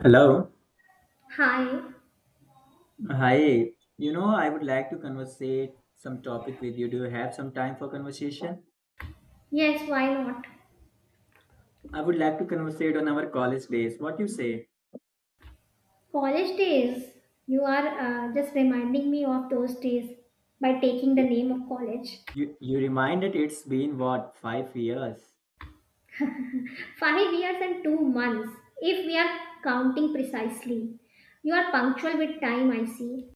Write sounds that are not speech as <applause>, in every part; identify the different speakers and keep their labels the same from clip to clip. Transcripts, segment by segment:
Speaker 1: Hello.
Speaker 2: Hi.
Speaker 1: Hi. I would like to conversate some topic with you. Do you have some time for conversation?
Speaker 2: Yes, why not?
Speaker 1: I would like to conversate on our college days. What you say?
Speaker 2: College days. You are just reminding me of those days by taking the name of college.
Speaker 1: You reminded it's been what, 5 years?
Speaker 2: <laughs> 5 years and 2 months, if we are counting precisely. You are punctual with time, I see.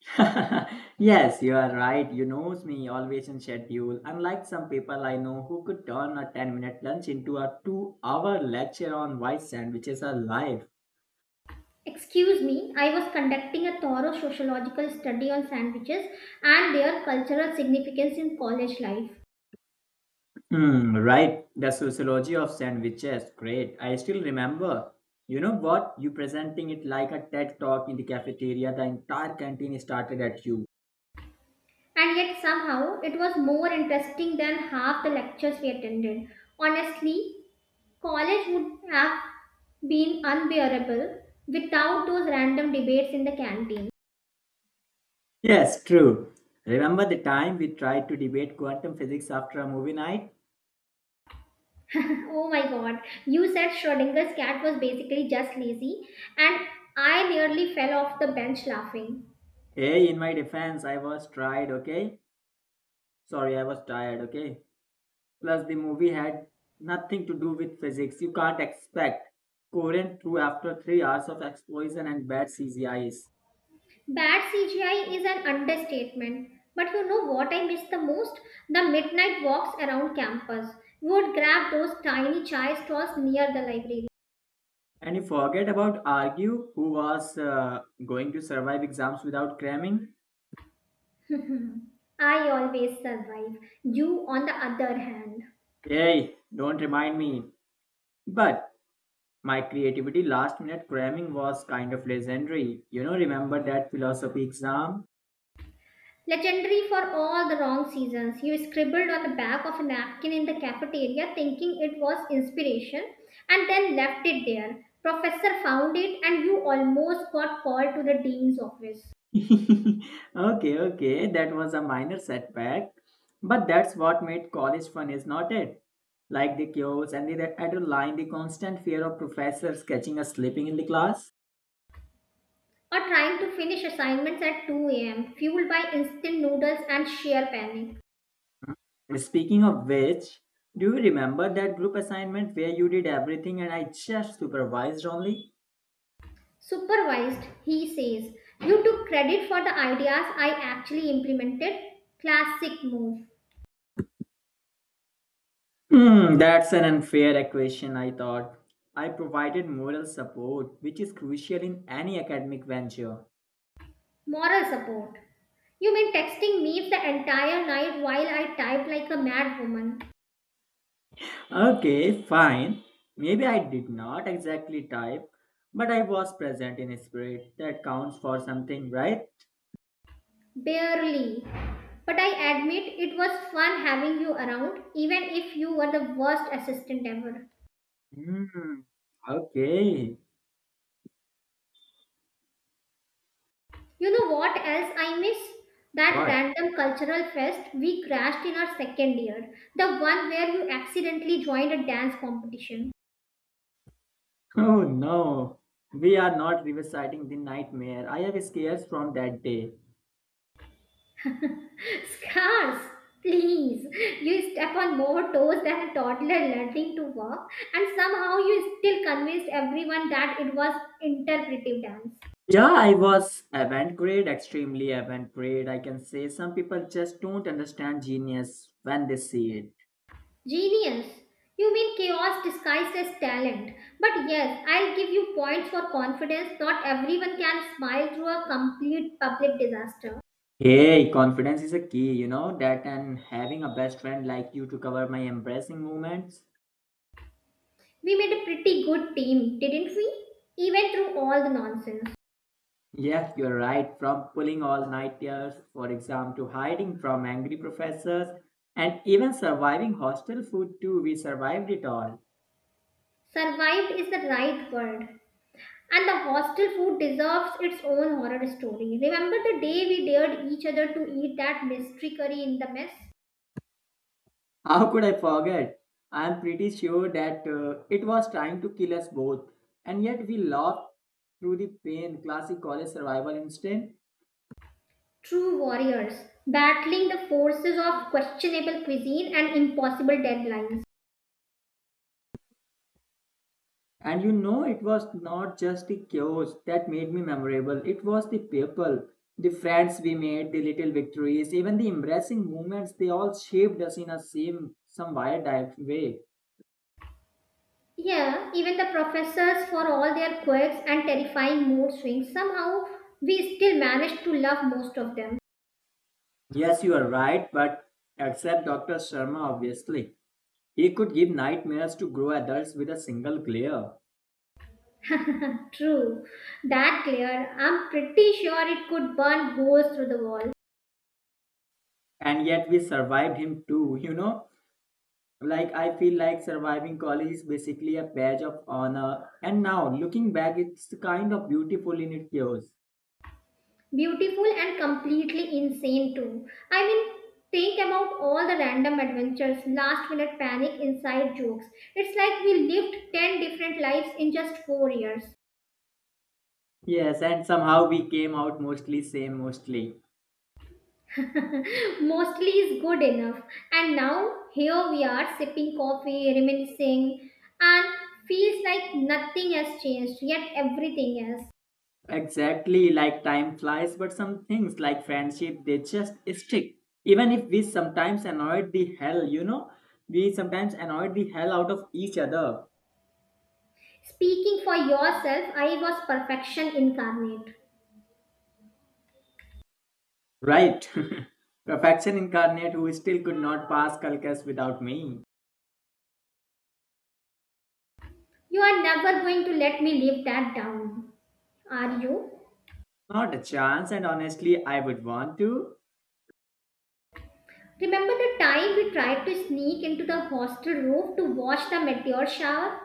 Speaker 1: <laughs> Yes, you are right. You knows me always in schedule. Unlike some people I know who could turn a 10-minute lunch into a 2 hour lecture on why sandwiches are life.
Speaker 2: Excuse me, I was conducting a thorough sociological study on sandwiches and their cultural significance in college life.
Speaker 1: Hmm, right. The sociology of sandwiches. Great. I still remember. You know what? You presenting it like a TED talk in the cafeteria. The entire canteen started at you.
Speaker 2: And yet, somehow, it was more interesting than half the lectures we attended. Honestly, college would have been unbearable without those random debates in the canteen.
Speaker 1: Yes, true. Remember the time we tried to debate quantum physics after a movie night?
Speaker 2: <laughs> Oh my god, you said Schrodinger's cat was basically just lazy, and I nearly fell off the bench laughing.
Speaker 1: Hey, in my defense, I was tried, okay? Sorry, I was tired, okay? Plus, the movie had nothing to do with physics. You can't expect coherent through after 3 hours of explosion and bad CGIs.
Speaker 2: Bad CGI is an understatement, but you know what I miss the most? The midnight walks around campus. We would grab those tiny chai stalls near the library.
Speaker 1: And you forget about Argue, who was going to survive exams without cramming.
Speaker 2: <laughs> I always survive. You, on the other hand.
Speaker 1: Hey, don't remind me. But my creativity last minute cramming was kind of legendary. You know, remember that philosophy exam?
Speaker 2: Legendary for all the wrong seasons, you scribbled on the back of a napkin in the cafeteria thinking it was inspiration and then left it there. Professor found it and you almost got called to the dean's office.
Speaker 1: <laughs> Okay, okay, that was a minor setback. But that's what made college fun, is not it? Like the chaos and the adrenaline, the constant fear of professors catching us sleeping in the class.
Speaker 2: Or trying to finish assignments at 2 a.m., fueled by instant noodles and sheer panic.
Speaker 1: Speaking of which, do you remember that group assignment where you did everything and I just supervised only?
Speaker 2: Supervised, he says, you took credit for the ideas I actually implemented. Classic move.
Speaker 1: Hmm, that's an unfair equation, I thought. I provided moral support, which is crucial in any academic venture.
Speaker 2: Moral support. You mean texting me the entire night while I typed like a mad woman?
Speaker 1: Okay, fine. Maybe I did not exactly type, but I was present in spirit. That counts for something, right?
Speaker 2: Barely. But I admit it was fun having you around, even if you were the worst assistant ever.
Speaker 1: Hmm, okay.
Speaker 2: You know what else I miss? That
Speaker 1: What?
Speaker 2: random cultural fest we crashed in our second year. The one where you accidentally joined a dance competition.
Speaker 1: Oh no, we are not revisiting the nightmare. I have scares from that day.
Speaker 2: Scars, please. You step on more toes than a toddler learning to walk, and somehow you still convinced everyone that it was interpretive dance.
Speaker 1: Yeah, I was avant-garde, extremely avant-garde. I can say some people just don't understand genius when they see it.
Speaker 2: Genius. You mean chaos disguised as talent. But yes, I'll give you points for confidence. Not everyone can smile through a complete public disaster.
Speaker 1: Hey, confidence is a key, you know that, and having a best friend like you to cover my embarrassing moments.
Speaker 2: We made a pretty good team, didn't we? Even through all the nonsense.
Speaker 1: Yes, you're right. From pulling all-nighters for exam to hiding from angry professors, and even surviving hostel food too, we survived it all.
Speaker 2: Survived is the right word. And the hostel food deserves its own horror story. Remember the day we dared each other to eat that mystery curry in the mess?
Speaker 1: How could I forget? I am pretty sure that it was trying to kill us both. And yet we laughed through the pain, classic college survival instinct.
Speaker 2: True warriors, battling the forces of questionable cuisine and impossible deadlines.
Speaker 1: And you know, it was not just the chaos that made me memorable, it was the people, the friends we made, the little victories, even the embracing moments, they all shaped us in a same, some wired way.
Speaker 2: Yeah, even the professors, for all their quirks and terrifying mood swings, somehow we still managed to love most of them.
Speaker 1: Yes, you are right, but except Dr. Sharma, obviously. He could give nightmares to grow adults with a single glare.
Speaker 2: True, that glare, I'm pretty sure it could burn holes through the wall.
Speaker 1: And yet we survived him too, you know, like I feel like surviving college is basically a badge of honor, and now looking back it's kind of beautiful in its chaos.
Speaker 2: Beautiful and completely insane, too. I mean, think about all the random adventures, last minute panic, inside jokes. It's like we lived 10 different lives in just 4 years.
Speaker 1: Yes, and somehow we came out mostly same, mostly.
Speaker 2: <laughs> Mostly is good enough. And now, here we are sipping coffee, reminiscing, and feels like nothing has changed, yet everything has.
Speaker 1: Exactly, like time flies, but some things like friendship they just stick, even if we sometimes annoyed the hell we sometimes annoyed the hell out of each other.
Speaker 2: Speaking for yourself, I was perfection incarnate.
Speaker 1: Right. <laughs> Perfection incarnate who still could not pass calculus without me.
Speaker 2: You are never going to let me live that down, are you?
Speaker 1: Not a chance, and honestly, I would want to.
Speaker 2: Remember the time we tried to sneak into the hostel roof to watch the meteor shower?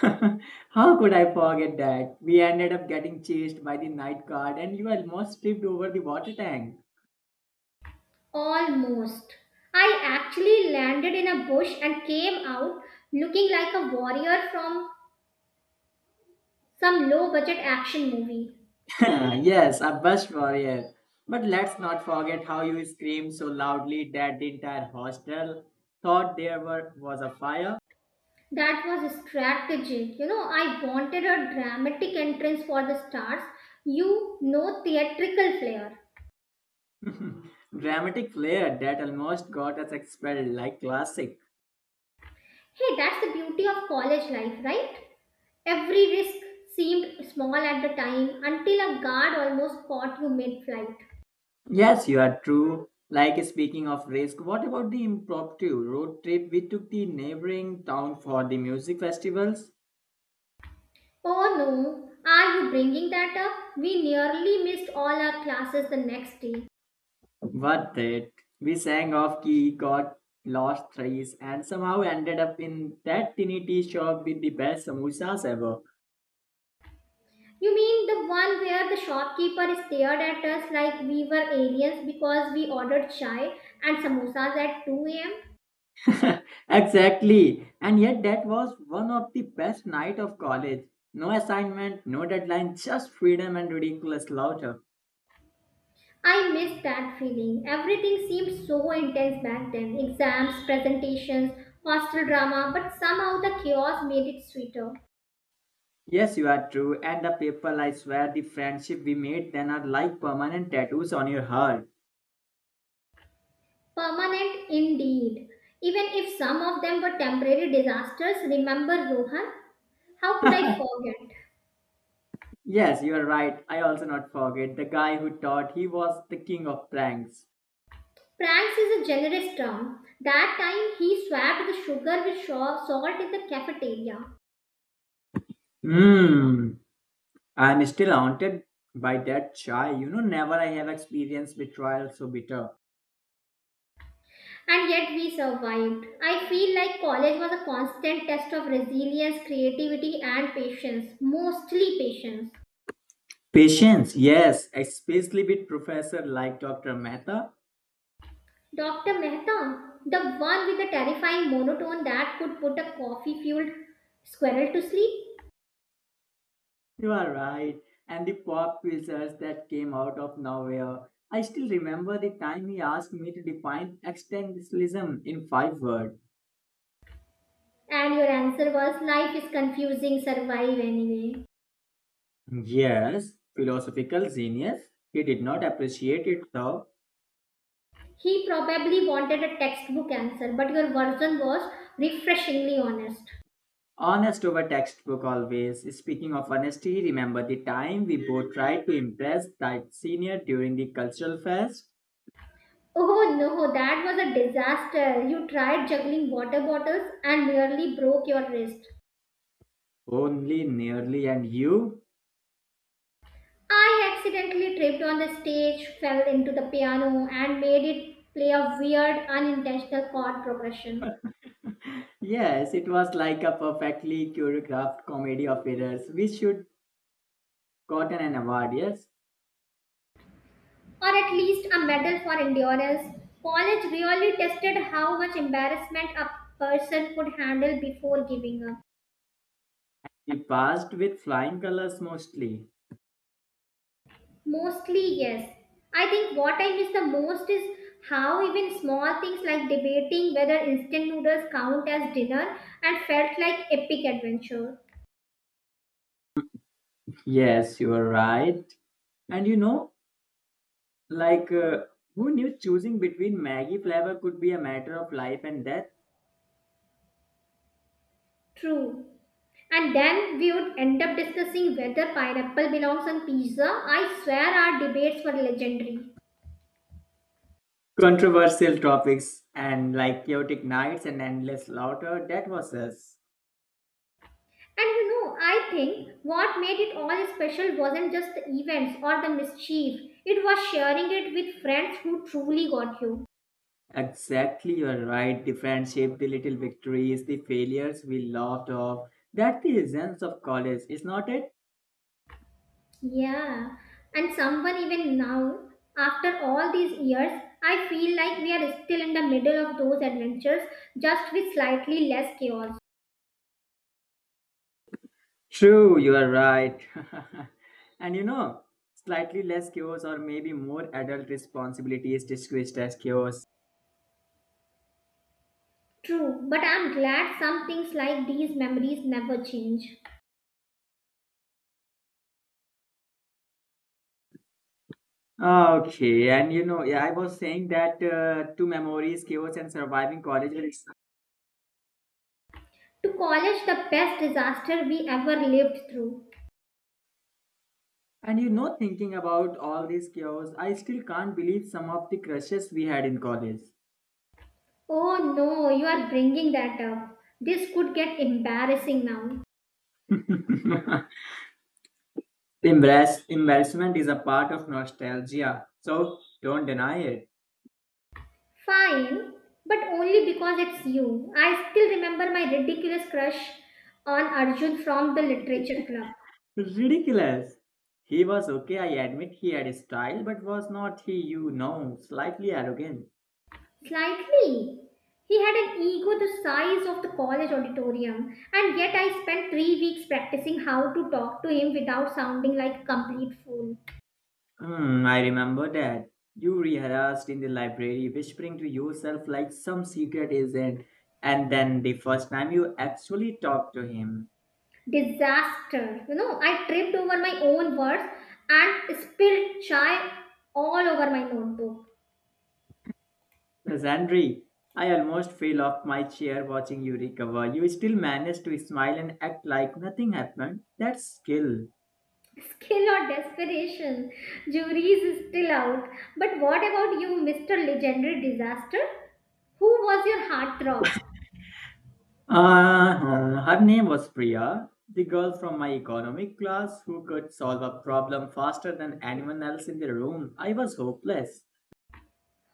Speaker 1: <laughs> How could I forget that? We ended up getting chased by the night guard and you almost tripped over the water tank.
Speaker 2: Almost. I actually landed in a bush and came out looking like a warrior from some low budget action movie.
Speaker 1: <laughs> Yes, a bust warrior. But let's not forget how you screamed so loudly that the entire hostel thought there were, was a fire.
Speaker 2: That was strategic. You know, I wanted a dramatic entrance for the stars. You know, theatrical flair.
Speaker 1: <laughs> Dramatic flair that almost got us expelled, like classic.
Speaker 2: Hey, that's the beauty of college life, right? Every risk seemed small at the time until a guard almost caught you mid flight.
Speaker 1: Yes, you are true. Like speaking of risk, what about the impromptu road trip we took the neighboring town for the music festivals?
Speaker 2: Oh no, are you bringing that up? We nearly missed all our classes the next day.
Speaker 1: What that? We sang off key, got lost threes, and somehow ended up in that tiny tea shop with the best samosas ever.
Speaker 2: You mean the one where the shopkeeper stared at us like we were aliens because we ordered chai and samosas at 2 a.m.?
Speaker 1: <laughs> Exactly. And yet that was one of the best night of college. No assignment, no deadline, just freedom and ridiculous laughter.
Speaker 2: I missed that feeling. Everything seemed so intense back then exams, presentations, hostel drama, but somehow the chaos made it sweeter.
Speaker 1: Yes, you are true. And the people, I swear, the friendship we made then are like permanent tattoos on your heart.
Speaker 2: Permanent indeed. Even if some of them were temporary disasters, remember Rohan? How could I forget?
Speaker 1: Yes, you are right. I also not forget the guy who thought he was the king of pranks.
Speaker 2: Pranks is a generous term. That time he swapped the sugar with salt in the cafeteria.
Speaker 1: Hmm. I'm still haunted by that chai. You know, never I have experienced betrayal so bitter.
Speaker 2: And yet we survived. I feel like college was a constant test of resilience, creativity, and patience. Mostly patience.
Speaker 1: Patience, yes, especially with professor like Dr. Mehta.
Speaker 2: Dr. Mehta, the one with the terrifying monotone that could put a coffee fueled squirrel to sleep?
Speaker 1: You are right. And the pop quizzes that came out of nowhere. I still remember the time he asked me to define existentialism in five words.
Speaker 2: And your answer was life is confusing, survive anyway.
Speaker 1: Yes, philosophical genius. He did not appreciate it though.
Speaker 2: He probably wanted a textbook answer, but your version was refreshingly honest.
Speaker 1: Honest over textbook always. Speaking of honesty, remember the time we both tried to impress that senior during the cultural fest?
Speaker 2: Oh no, that was a disaster. You tried juggling water bottles and nearly broke your wrist.
Speaker 1: Only nearly and you?
Speaker 2: I accidentally tripped on the stage, fell into the piano, and made it play a weird, unintentional chord progression.
Speaker 1: Yes, it was like a perfectly choreographed comedy of errors. We should Gotten an award, yes.
Speaker 2: Or at least a medal for endurance. College really tested how much embarrassment a person could handle before giving up.
Speaker 1: He passed with flying colors mostly.
Speaker 2: Mostly, yes. I think what I miss the most is how even small things like debating whether instant noodles count as dinner and felt like epic adventure.
Speaker 1: Yes, you are right. And you know, like, who knew choosing between Maggie flavor could be a matter of life and death?
Speaker 2: True. And then we would end up discussing whether pineapple belongs on pizza. I swear our debates were legendary.
Speaker 1: Controversial topics and like chaotic nights and endless laughter, that was us.
Speaker 2: And you know, I think what made it all special wasn't just the events or the mischief, it was sharing it with friends who truly got you.
Speaker 1: Exactly, you are right. The friendship, the little victories, the failures we laughed off. That's the essence of college, is not it?
Speaker 2: Yeah, and someone even now, after all these years, I feel like we are still in the middle of those adventures, just with slightly less chaos.
Speaker 1: True, you are right. <laughs> And you know, slightly less chaos or maybe more adult responsibility is disguised as chaos.
Speaker 2: True, but I'm glad some things like these memories never change.
Speaker 1: Okay, and you know, yeah, I was saying that two memories, chaos and surviving college. Life.
Speaker 2: To college, the best disaster we ever lived through.
Speaker 1: And you know, thinking about all this chaos, I still can't believe some of the crushes we had in college.
Speaker 2: Oh no, you are bringing that up. This could get embarrassing now.
Speaker 1: <laughs> Embarrassment is a part of nostalgia, so don't deny it.
Speaker 2: Fine, but only because it's you. I still remember my ridiculous crush on Arjun from the literature club.
Speaker 1: Ridiculous. He was okay, I admit he had style, but was not he, you know, slightly arrogant?
Speaker 2: Slightly. He had an ego the size of the college auditorium, and yet I spent 3 weeks practicing how to talk to him without sounding like a complete fool.
Speaker 1: Hmm, I remember that. You rehearsed in the library, whispering to yourself like some secret agent, and then the first time you actually talked to him.
Speaker 2: Disaster. You know, I tripped over my own words and spilled chai all over my notebook.
Speaker 1: Zandri, I almost fell off my chair watching you recover. You still managed to smile and act like nothing happened. That's skill.
Speaker 2: Skill or desperation? Juries is still out. But what about you, Mr. Legendary Disaster? Who was your heartthrob?
Speaker 1: Her name was Priya, the girl from my economic class who could solve a problem faster than anyone else in the room. I was hopeless.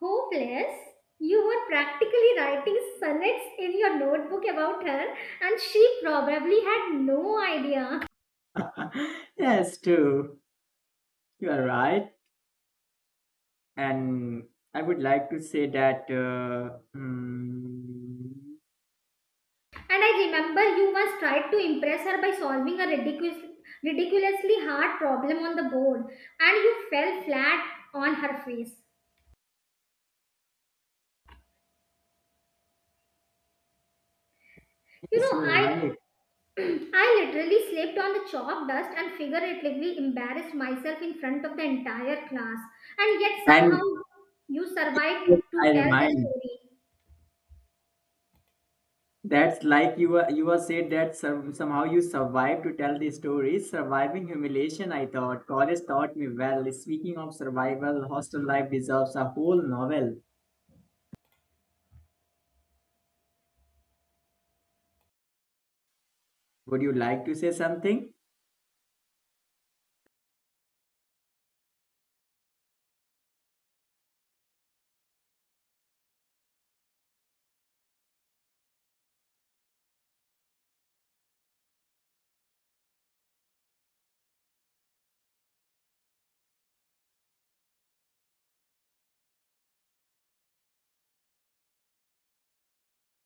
Speaker 2: Hopeless? You were practically writing sonnets in your notebook about her, and she probably had no idea.
Speaker 1: <laughs> Yes, too. You are right. And I would like to say that.
Speaker 2: And I remember you once tried to impress her by solving a ridiculously hard problem on the board, and you fell flat on her face. You
Speaker 1: Yes,
Speaker 2: know,
Speaker 1: you are
Speaker 2: I
Speaker 1: right.
Speaker 2: <clears throat> I literally slept on the chalk dust and figuratively embarrassed myself in front of the entire class. And yet somehow
Speaker 1: And
Speaker 2: you survived to
Speaker 1: I
Speaker 2: tell the
Speaker 1: remind.
Speaker 2: story.
Speaker 1: That's like you were said that some, somehow you survived to tell the story. Surviving humiliation, I thought. College taught me well. Speaking of survival, hostel life deserves a whole novel. Would you like to say something?